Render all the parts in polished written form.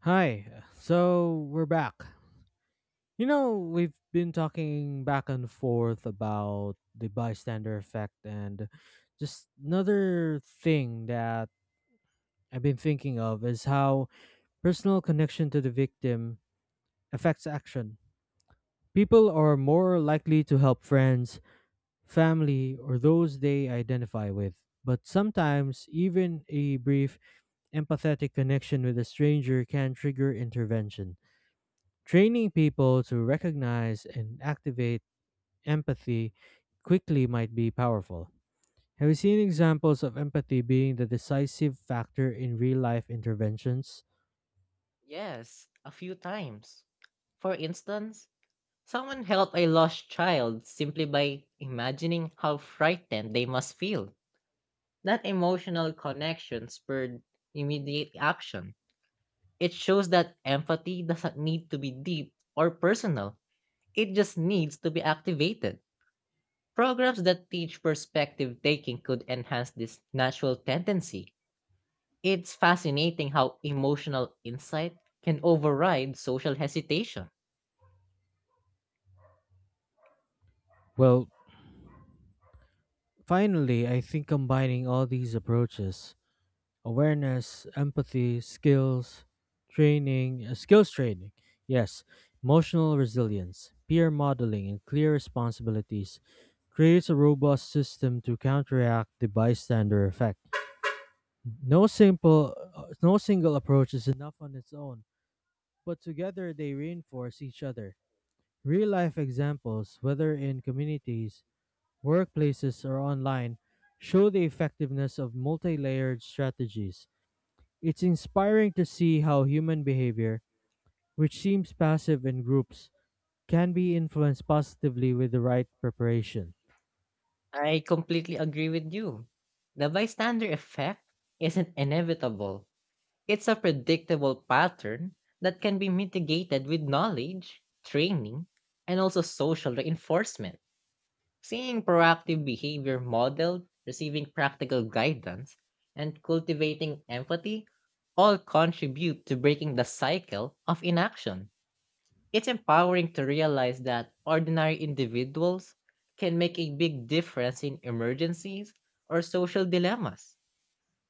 Hi. So we're back. You know, we've been talking back and forth about the bystander effect, and just another thing that I've been thinking of is how personal connection to the victim affects action. People are more likely to help friends, family, or those they identify with. But sometimes, even a brief empathetic connection with a stranger can trigger intervention. Training people to recognize and activate empathy quickly might be powerful. Have you seen examples of empathy being the decisive factor in real life interventions? Yes, a few times. For instance, someone helped a lost child simply by imagining how frightened they must feel. That emotional connection spurred immediate action. It shows that empathy doesn't need to be deep or personal, it just needs to be activated. Programs that teach perspective taking could enhance this natural tendency. It's fascinating how emotional insight can override social hesitation. Well, finally, I think combining all these approaches awareness, empathy, skills, skills training, yes, emotional resilience, peer modeling, and clear responsibilities creates a robust system to counteract the bystander effect. No single approach is enough on its own, but together they reinforce each other. Real life examples, whether in communities, workplaces, or online, show the effectiveness of multi layered strategies. It's inspiring to see how human behavior, which seems passive in groups, can be influenced positively with the right preparation. I completely agree with you. The bystander effect isn't inevitable. It's a predictable pattern that can be mitigated with knowledge, training, and also social reinforcement. Seeing proactive behavior modeled, receiving practical guidance, and cultivating empathy all contribute to breaking the cycle of inaction. It's empowering to realize that ordinary individuals can make a big difference in emergencies or social dilemmas.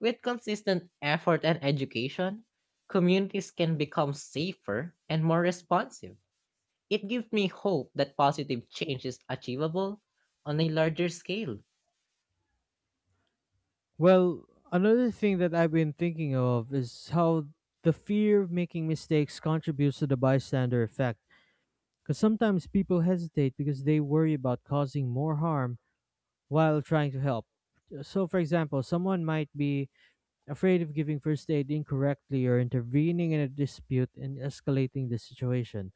With consistent effort and education, communities can become safer and more responsive. It gives me hope that positive change is achievable on a larger scale. Well, another thing that I've been thinking of is how the fear of making mistakes contributes to the bystander effect. Because sometimes people hesitate because they worry about causing more harm while trying to help. So, for example, someone might be afraid of giving first aid incorrectly or intervening in a dispute and escalating the situation.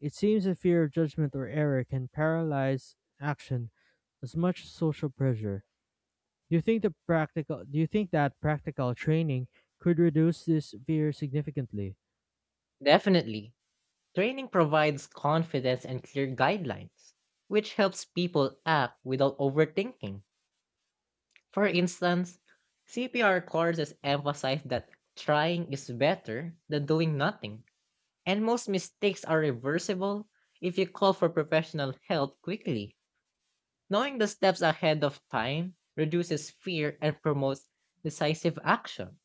It seems that fear of judgment or error can paralyze action as much as social pressure. Do you think that practical training could reduce this fear significantly? Definitely, training provides confidence and clear guidelines, which helps people act without overthinking. For instance, CPR courses emphasize that trying is better than doing nothing, and most mistakes are reversible if you call for professional help quickly. Knowing the steps ahead of time reduces fear and promotes decisive action.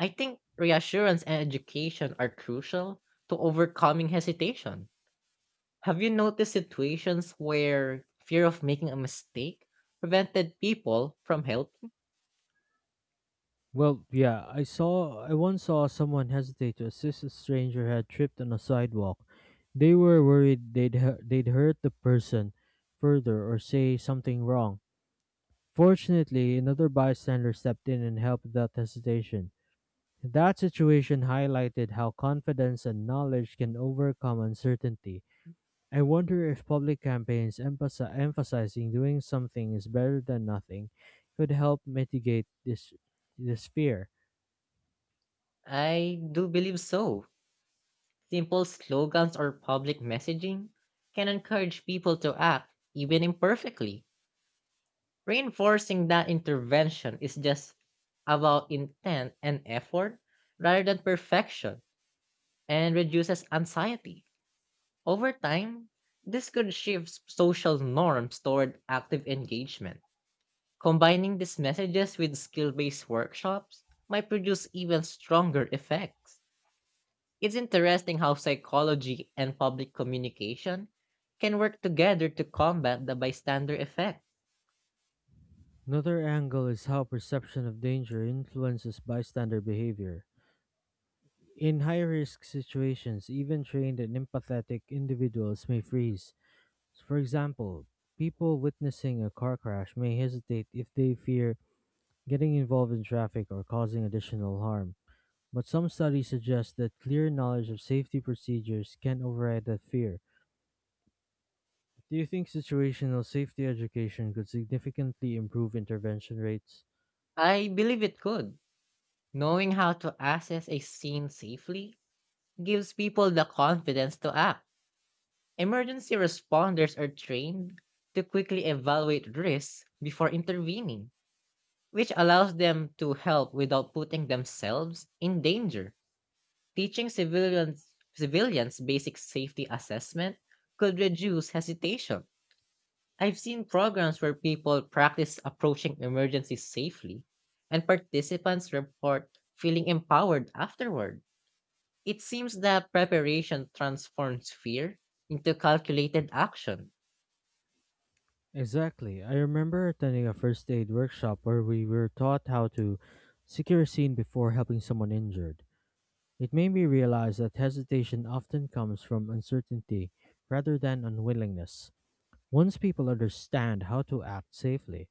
I think reassurance and education are crucial to overcoming hesitation. Have you noticed situations where fear of making a mistake prevented people from help? Well, yeah, I once saw someone hesitate to assist a stranger who had tripped on a sidewalk. They were worried they'd hurt the person further or say something wrong. Fortunately, another bystander stepped in and helped without hesitation. That situation highlighted how confidence and knowledge can overcome uncertainty. I wonder if public campaigns emphasizing doing something is better than nothing could help mitigate this fear. I do believe so. Simple slogans or public messaging can encourage people to act, even imperfectly. Reinforcing that intervention is just about intent and effort rather than perfection and reduces anxiety. Over time, this could shift social norms toward active engagement. Combining these messages with skill based workshops might produce even stronger effects. It's interesting how psychology and public communication can work together to combat the bystander effect. Another angle is how perception of danger influences bystander behavior. In high risk situations, even trained and empathetic individuals may freeze. For example, people witnessing a car crash may hesitate if they fear getting involved in traffic or causing additional harm. But some studies suggest that clear knowledge of safety procedures can override that fear. Do you think situational safety education could significantly improve intervention rates? I believe it could. Knowing how to access a scene safely gives people the confidence to act. Emergency responders are trained to quickly evaluate risks before intervening, which allows them to help without putting themselves in danger. Teaching civilians basic safety assessment could reduce hesitation. I've seen programs where people practice approaching emergencies safely, and participants report feeling empowered afterward. It seems that preparation transforms fear into calculated action. Exactly. I remember attending a first aid workshop where we were taught how to secure a scene before helping someone injured. It made me realize that hesitation often comes from uncertainty rather than unwillingness. Once people understand how to act safely,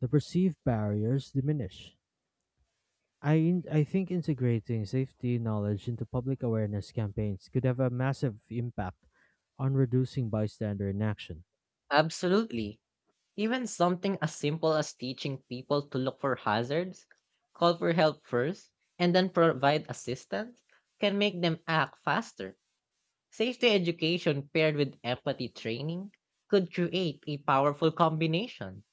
the perceived barriers diminish. I think integrating safety knowledge into public awareness campaigns could have a massive impact on reducing bystander inaction. Absolutely. Even something as simple as teaching people to look for hazards, call for help first, and then provide assistance can make them act faster. Safety education paired with empathy training could create a powerful combination.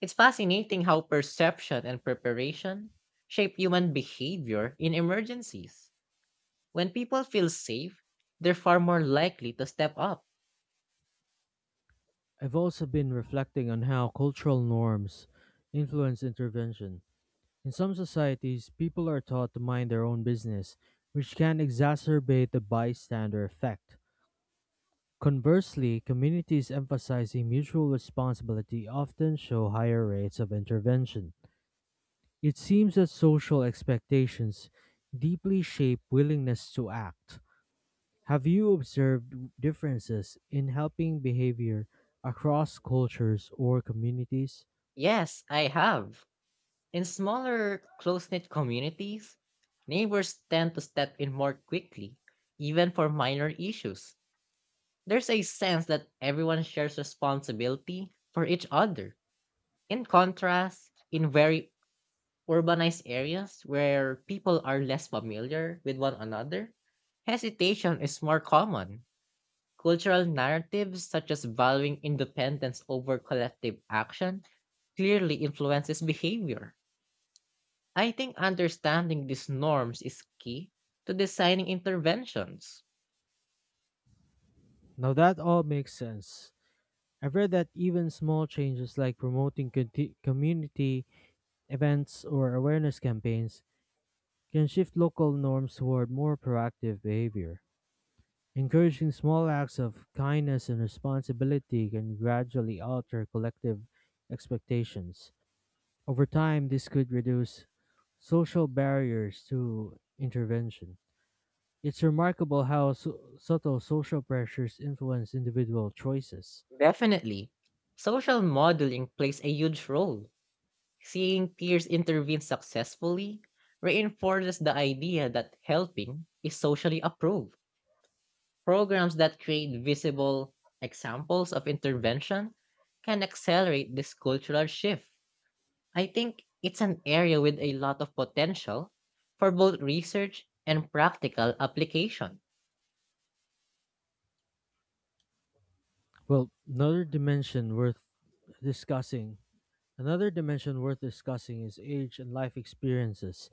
It's fascinating how perception and preparation shape human behavior in emergencies. When people feel safe, they're far more likely to step up. I've also been reflecting on how cultural norms influence intervention. In some societies, people are taught to mind their own business, which can exacerbate the bystander effect. Conversely, communities emphasizing mutual responsibility often show higher rates of intervention. It seems that social expectations deeply shape willingness to act. Have you observed differences in helping behavior across cultures or communities? Yes, I have. In smaller, close knit communities, neighbors tend to step in more quickly, even for minor issues. There's a sense that everyone shares responsibility for each other. In contrast, in very urbanized areas where people are less familiar with one another, hesitation is more common. Cultural narratives such as valuing independence over collective action clearly influences behavior. I think understanding these norms is key to designing interventions. Now that all makes sense. I've read that even small changes like promoting community events or awareness campaigns can shift local norms toward more proactive behavior. Encouraging small acts of kindness and responsibility can gradually alter collective expectations. Over time, this could reduce social barriers to intervention. It's remarkable how subtle social pressures influence individual choices. Definitely, social modeling plays a huge role. Seeing peers intervene successfully reinforces the idea that helping is socially approved. Programs that create visible examples of intervention can accelerate this cultural shift. I think it's an area with a lot of potential for both research and practical application. Well, discussing, another dimension worth discussing is age and life experiences.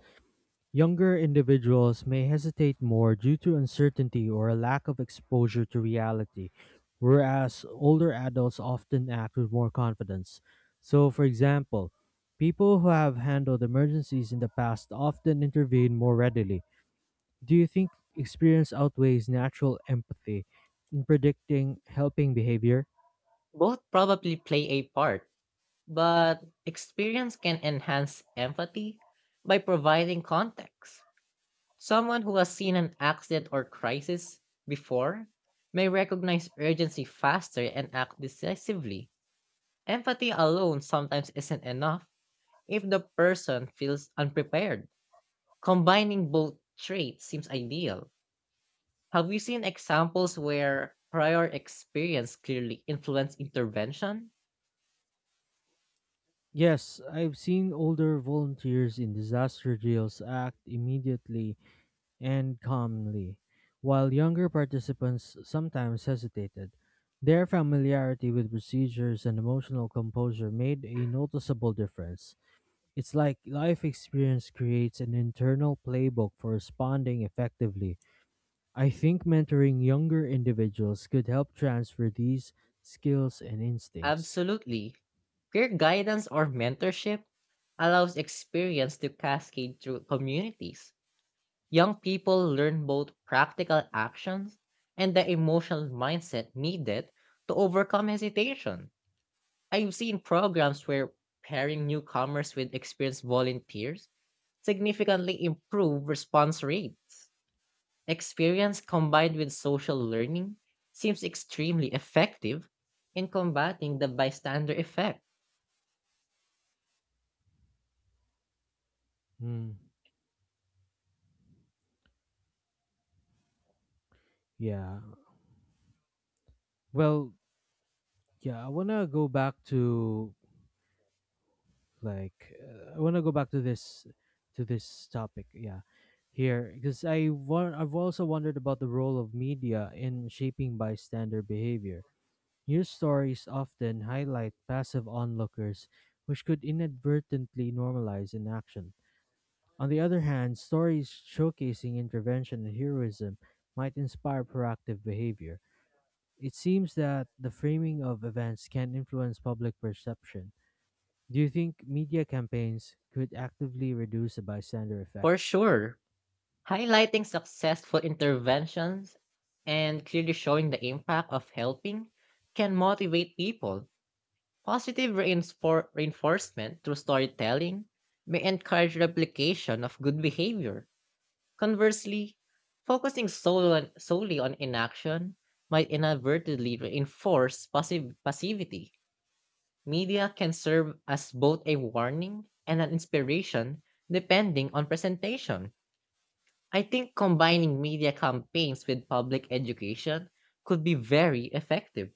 Younger individuals may hesitate more due to uncertainty or a lack of exposure to reality, whereas older adults often act with more confidence. So, for example, people who have handled emergencies in the past often intervene more readily. Do you think experience outweighs natural empathy in predicting helping behavior? Both probably play a part, but experience can enhance empathy by providing context. Someone who has seen an accident or crisis before may recognize urgency faster and act decisively. Empathy alone sometimes isn't enough if the person feels unprepared. Combining both traits seems ideal. Have you seen examples where prior experience clearly influenced intervention? Yes, I've seen older volunteers in disaster drills act immediately and calmly, while younger participants sometimes hesitated. Their familiarity with procedures and emotional composure made a noticeable difference. It's like life experience creates an internal playbook for responding effectively. I think mentoring younger individuals could help transfer these skills and instincts. Absolutely. Peer guidance or mentorship allows experience to cascade through communities. Young people learn both practical actions and the emotional mindset needed to overcome hesitation. I've seen programs where pairing newcomers with experienced volunteers significantly improve response rates. Experience combined with social learning seems extremely effective in combating the bystander effect. Hmm, yeah. Well, yeah, I want to go back to this topic yeah here because I've also wondered about the role of media in shaping bystander behavior. News stories often highlight passive onlookers, which could inadvertently normalize inaction. On the other hand, stories showcasing intervention and heroism might inspire proactive behavior. It seems that the framing of events can influence public perception. Do you think media campaigns could actively reduce the bystander effect? For sure, highlighting successful interventions and clearly showing the impact of helping can motivate people. Reinforcement through storytelling may encourage replication of good behavior. Conversely, solely on inaction might inadvertently reinforce passivity. Media can serve as both a warning and an inspiration depending on presentation. I think combining media campaigns with public education could be very effective.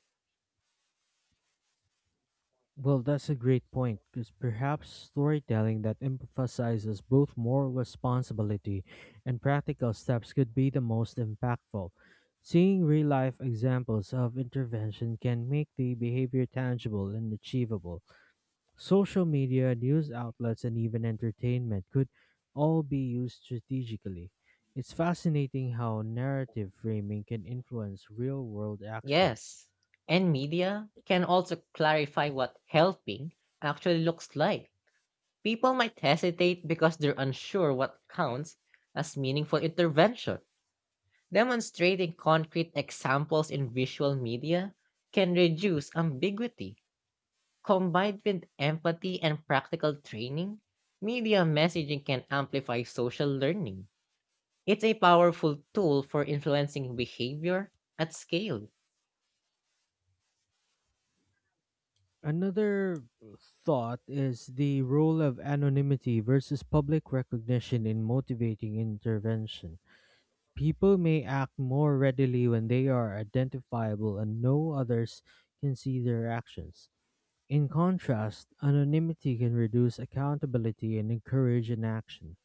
Well, that's a great point, because perhaps storytelling that emphasizes both moral responsibility and practical steps could be the most impactful. Seeing real life examples of intervention can make the behavior tangible and achievable. Social media, news outlets, and even entertainment could all be used strategically. It's fascinating how narrative framing can influence real world actions. Yes, and media can also clarify what helping actually looks like. People might hesitate because they're unsure what counts as meaningful intervention. Demonstrating concrete examples in visual media can reduce ambiguity. Combined with empathy and practical training, media messaging can amplify social learning. It's a powerful tool for influencing behavior at scale. Another thought is the role of anonymity versus public recognition in motivating intervention. People may act more readily when they are identifiable and no others can see their actions. In contrast, anonymity can reduce accountability and encourage inaction.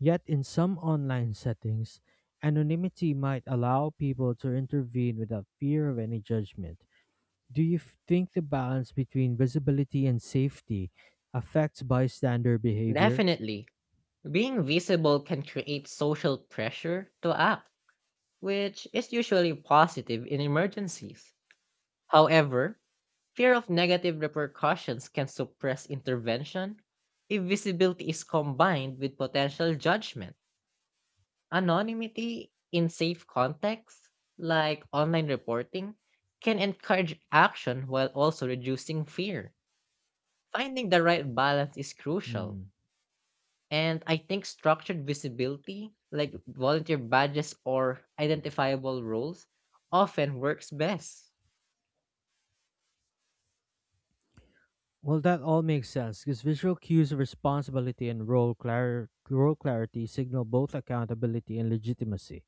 Yet, in some online settings, anonymity might allow people to intervene without fear of any judgment. Think the balance between visibility and safety affects bystander behavior? Definitely, being visible can create social pressure to act, which is usually positive in emergencies. However, fear of negative repercussions can suppress intervention if visibility is combined with potential judgment. Anonymity in safe contexts, like online reporting, can encourage action while also reducing fear. Finding the right balance is crucial. Hmm. And I think structured visibility, like volunteer badges or identifiable roles, often works best. Well, that all makes sense because visual cues of responsibility and role clarity signal both accountability and legitimacy.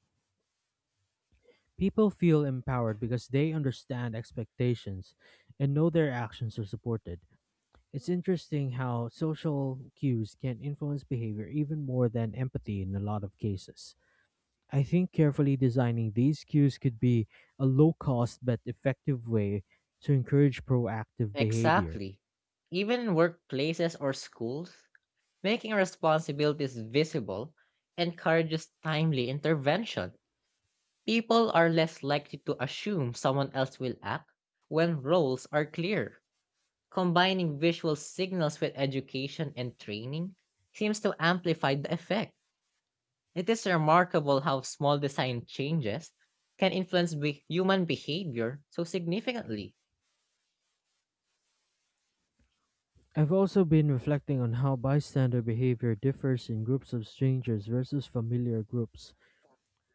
People feel empowered because they understand expectations and know their actions are supported. It's interesting how social cues can influence behavior even more than empathy in a lot of cases. I think carefully designing these cues could be a low cost but effective way to encourage proactive behavior. Exactly. Even in workplaces or schools, making responsibilities visible encourages timely intervention. People are less likely to assume someone else will act when roles are clear. Combining visual signals with education and training seems to amplify the effect. It is remarkable how small design changes can influence human behavior so significantly. I've also been reflecting on how bystander behavior differs in groups of strangers versus familiar groups.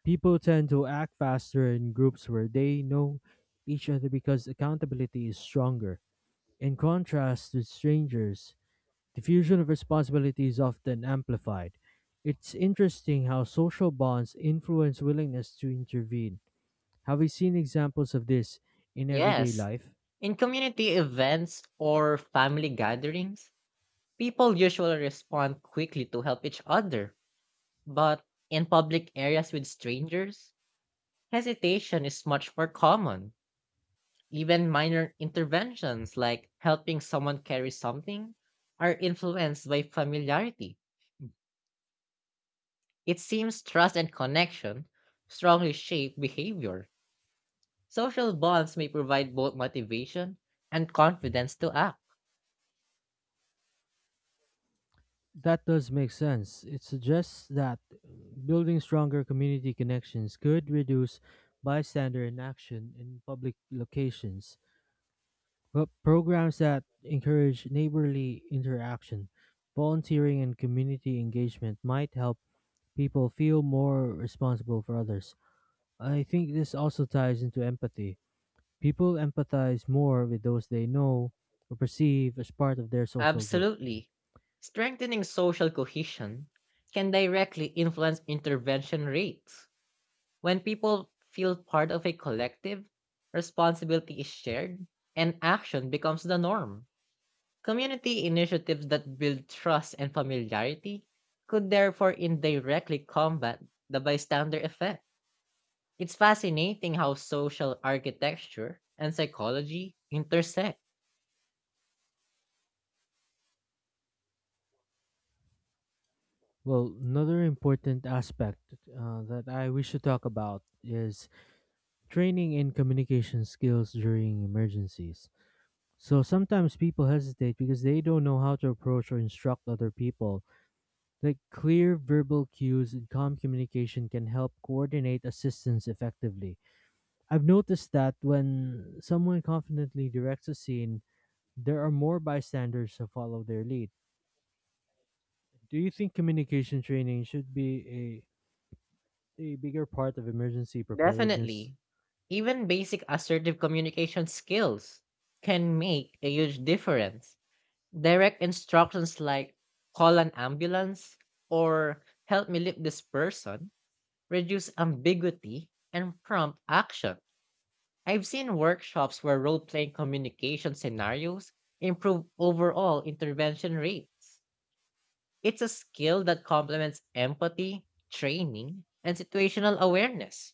People tend to act faster in groups where they know each other because accountability is stronger. In contrast to strangers, diffusion of responsibility is often amplified. It's interesting how social bonds influence willingness to intervene. Have we seen examples of this in everyday Yes, life? in community events or family gatherings, people usually respond quickly to help each other. But in public areas with strangers, hesitation is much more common. Even minor interventions like helping someone carry something are influenced by familiarity. It seems trust and connection strongly shape behavior. Social bonds may provide both motivation and confidence to act. That does make sense. It suggests that building stronger community connections could reduce bystander inaction in public locations. But programs that encourage neighborly interaction, volunteering, and community engagement might help people feel more responsible for others. I think this also ties into empathy. People empathize more with those they know or perceive as part of their social group. Absolutely. Strengthening social cohesion can directly influence intervention rates. When people feel part of a collective, responsibility is shared and action becomes the norm. Community initiatives that build trust and familiarity could therefore indirectly combat the bystander effect. It's fascinating how social architecture and psychology intersect. Well, another important aspect that I wish to talk about is training in communication skills during emergencies. So sometimes people hesitate because they don't know how to approach or instruct other people. Like clear verbal cues and calm communication can help coordinate assistance effectively. I've noticed that when someone confidently directs a scene, there are more bystanders to follow their lead. Do you think communication training should be a bigger part of emergency preparedness? Definitely, even basic assertive communication skills can make a huge difference. Direct instructions like "call an ambulance" or "help me lift this person" reduce ambiguity and prompt action. I've seen workshops where role playing communication scenarios improve overall intervention rates. It's a skill that complements empathy, training, and situational awareness.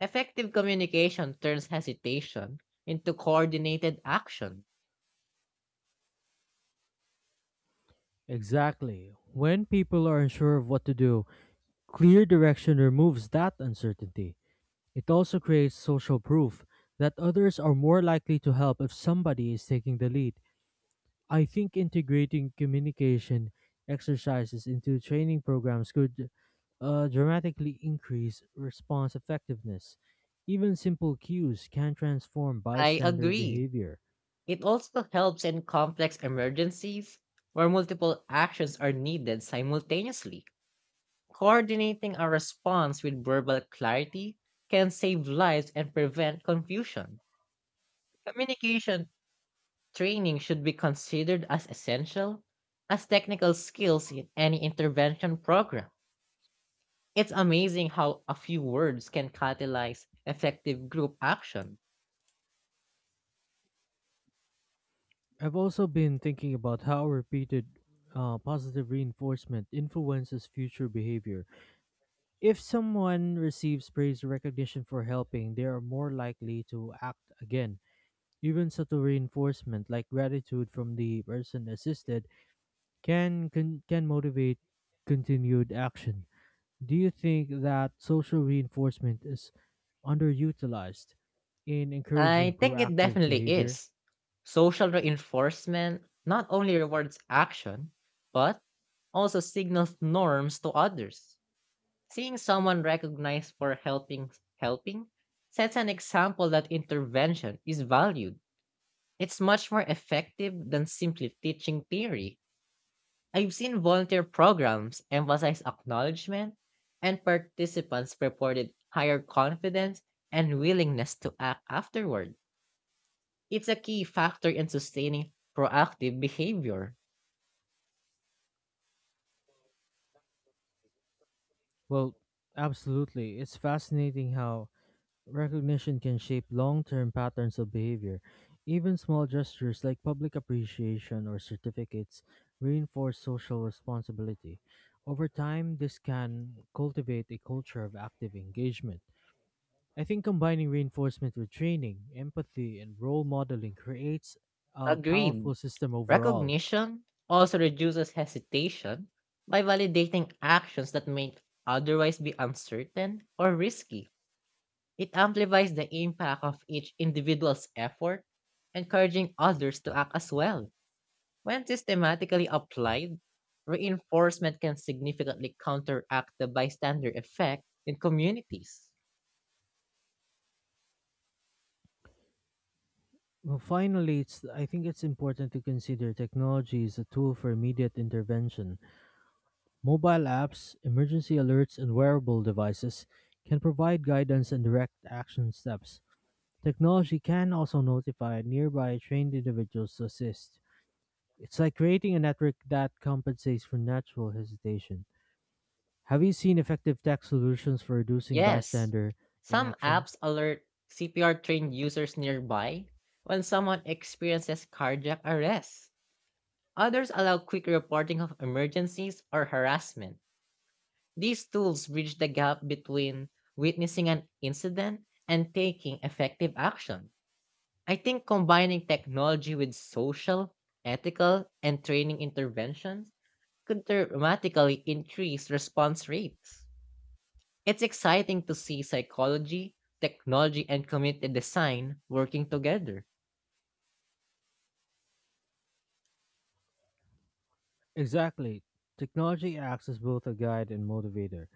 Effective communication turns hesitation into coordinated action. Exactly. When people are unsure of what to do, clear direction removes that uncertainty. It also creates social proof that others are more likely to help if somebody is taking the lead. I think integrating communication exercises into training programs could dramatically increase response effectiveness. Even simple cues can transform I bystander agree. behavior. It also helps in complex emergencies where multiple actions are needed simultaneously. Coordinating a response with verbal clarity can save lives and prevent confusion. Communication training should be considered as essential as technical skills in any intervention program. It's amazing how a few words can catalyze effective group action. I've also been thinking about how repeated positive reinforcement influences future behavior. If someone receives praise or recognition for helping, they are more likely to act again. Even subtle reinforcement, like gratitude from the person assisted, can motivate continued action. Do you think that social reinforcement is underutilized in encouraging I think it proactive definitely behavior? is. Social reinforcement not only rewards action, but also signals norms to others. Seeing someone recognized for helping sets an example that intervention is valued. It's much more effective than simply teaching theory. I've seen volunteer programs emphasize acknowledgement, and participants reported higher confidence and willingness to act afterward. It's a key factor in sustaining proactive behavior. Well, absolutely. It's fascinating how recognition can shape long term patterns of behavior. Even small gestures like public appreciation or certificates reinforce social responsibility. Over time, this can cultivate a culture of active engagement. I think combining reinforcement with training, empathy, and role modeling creates a powerful Agreed. system overall. Recognition also reduces hesitation by validating actions that may otherwise be uncertain or risky. It amplifies the impact of each individual's effort, encouraging others to act as well. When systematically applied, reinforcement can significantly counteract the bystander effect in communities. Well, finally, I think it's important to consider technology as a tool for immediate intervention. Mobile apps, emergency alerts, and wearable devices can provide guidance and direct action steps. Technology can also notify nearby trained individuals to assist. It's like creating a network that compensates for natural hesitation. Have you seen effective tech solutions for reducing Yes, bystander some inaction? apps alert CPR trained users nearby when someone experiences cardiac arrest. Others allow quick reporting of emergencies or harassment. These tools bridge the gap between witnessing an incident and taking effective action. I think combining technology with social, ethical, and training interventions could dramatically increase response rates. It's exciting to see psychology, technology, and community design working together. Exactly. Technology acts as both a guide and motivator.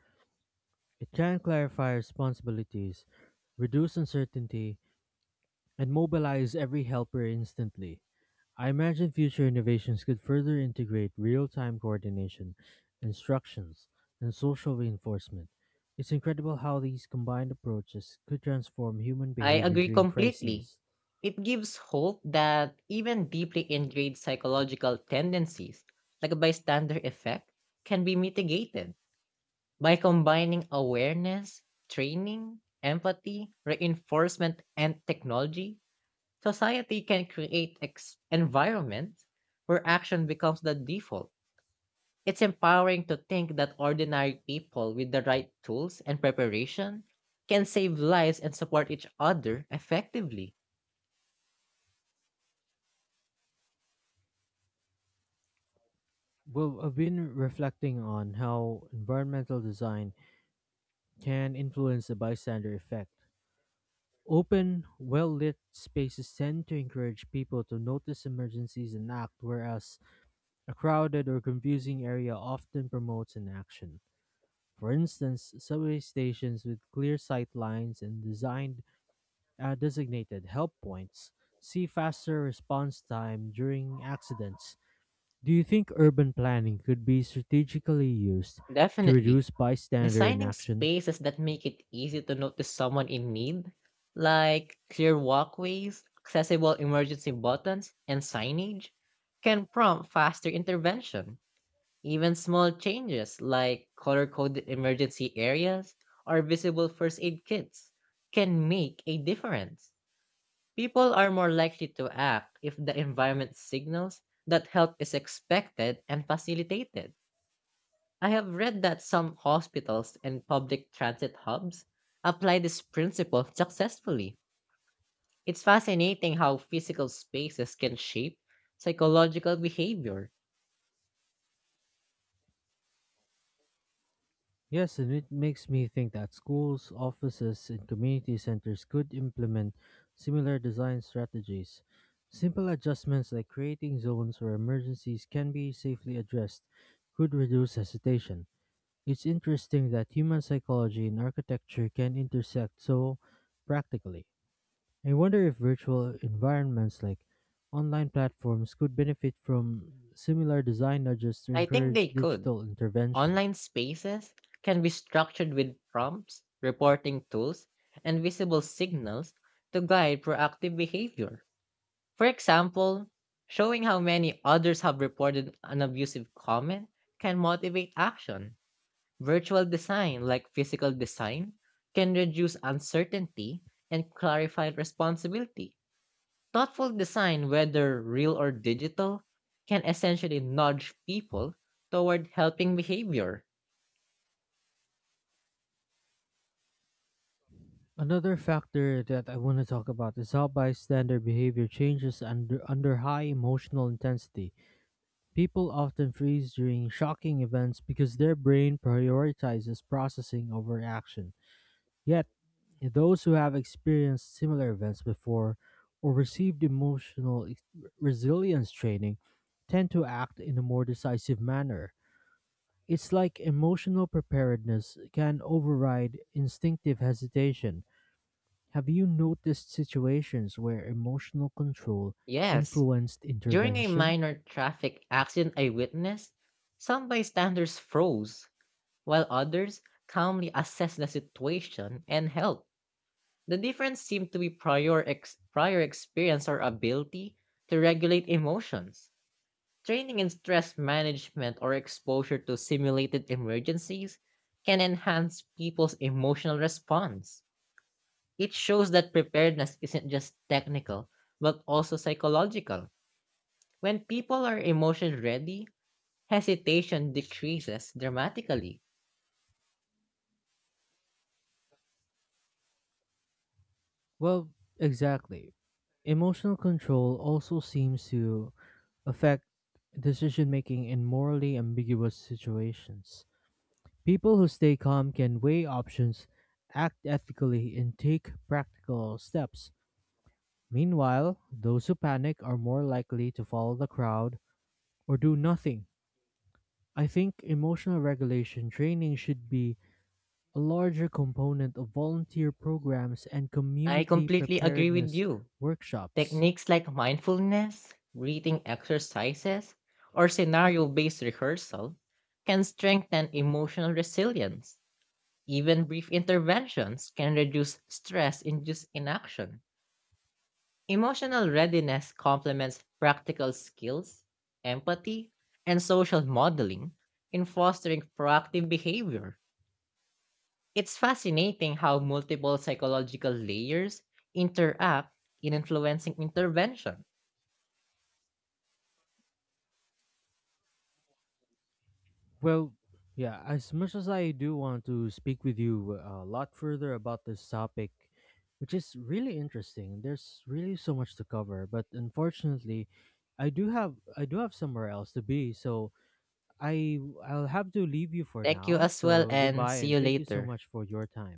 It can clarify responsibilities, reduce uncertainty, and mobilize every helper instantly. I imagine future innovations could further integrate real time coordination, instructions, and social reinforcement. It's incredible how these combined approaches could transform human I behavior agree during completely. crises. It gives hope that even deeply ingrained psychological tendencies, like a bystander effect, can be mitigated by combining awareness, training, empathy, reinforcement, and technology. Society can create environments where action becomes the default. It's empowering to think that ordinary people with the right tools and preparation can save lives and support each other effectively. Well, I've been reflecting on how environmental design can influence the bystander effect. Open, well lit spaces tend to encourage people to notice emergencies and act, whereas a crowded or confusing area often promotes an action. For instance, subway stations with clear sight lines and designed designated help points see faster response time during accidents. Do you think urban planning could be strategically used to Definitely. reduce bystander Designing inaction? spaces that make it easy to notice someone in need, like clear walkways, accessible emergency buttons, and signage, can prompt faster intervention. Even small changes like color coded emergency areas or visible first aid kits can make a difference. People are more likely to act if the environment signals that help is expected and facilitated. I have read that some hospitals and public transit hubs apply this principle successfully. It's fascinating how physical spaces can shape psychological behavior. Yes, and it makes me think that schools, offices, and community centers could implement similar design strategies. Simple adjustments like creating zones where emergencies can be safely addressed could reduce hesitation. It's interesting that human psychology and architecture can intersect so practically. I wonder if virtual environments like online platforms could benefit from similar design nudges to I think encourage they could. digital intervention. Online spaces can be structured with prompts, reporting tools, and visible signals to guide proactive behavior. For example, showing how many others have reported an abusive comment can motivate action. Virtual design, like physical design, can reduce uncertainty and clarify responsibility. Thoughtful design, whether real or digital, can essentially nudge people toward helping behavior. Another factor that I want to talk about is how bystander behavior changes under high emotional intensity. People often freeze during shocking events because their brain prioritizes processing over action. Yet, those who have experienced similar events before or received resilience training tend to act in a more decisive manner. It's like emotional preparedness can override instinctive hesitation. Have you noticed situations where emotional control Yes, influenced during a intervention? minor traffic accident I witnessed, some bystanders froze, while others calmly assessed the situation and helped. The difference seemed to be prior experience or ability to regulate emotions. Training in stress management or exposure to simulated emergencies can enhance people's emotional response. It shows that preparedness isn't just technical, but also psychological. When people are emotionally ready, hesitation decreases dramatically. Well, exactly. Emotional control also seems to affect decision making in morally ambiguous situations. People who stay calm can weigh options, act ethically, and take practical steps. Meanwhile, those who panic are more likely to follow the crowd or do nothing. I think emotional regulation training should be a larger component of volunteer programs and I community completely agree with preparedness you. workshops. Techniques like mindfulness, breathing exercises, or scenario based rehearsal can strengthen emotional resilience. Even brief interventions can reduce stress induced inaction. Emotional readiness complements practical skills, empathy, and social modeling in fostering proactive behavior. It's fascinating how multiple psychological layers interact in influencing intervention. Well, yeah, as much as I do want to speak with you a lot further about this topic, which is really interesting. There's really so much to cover, but unfortunately, I do have somewhere else to be, so I'll have to leave you for Thank you now. as well, So and goodbye see and you thank you so later. much for your time.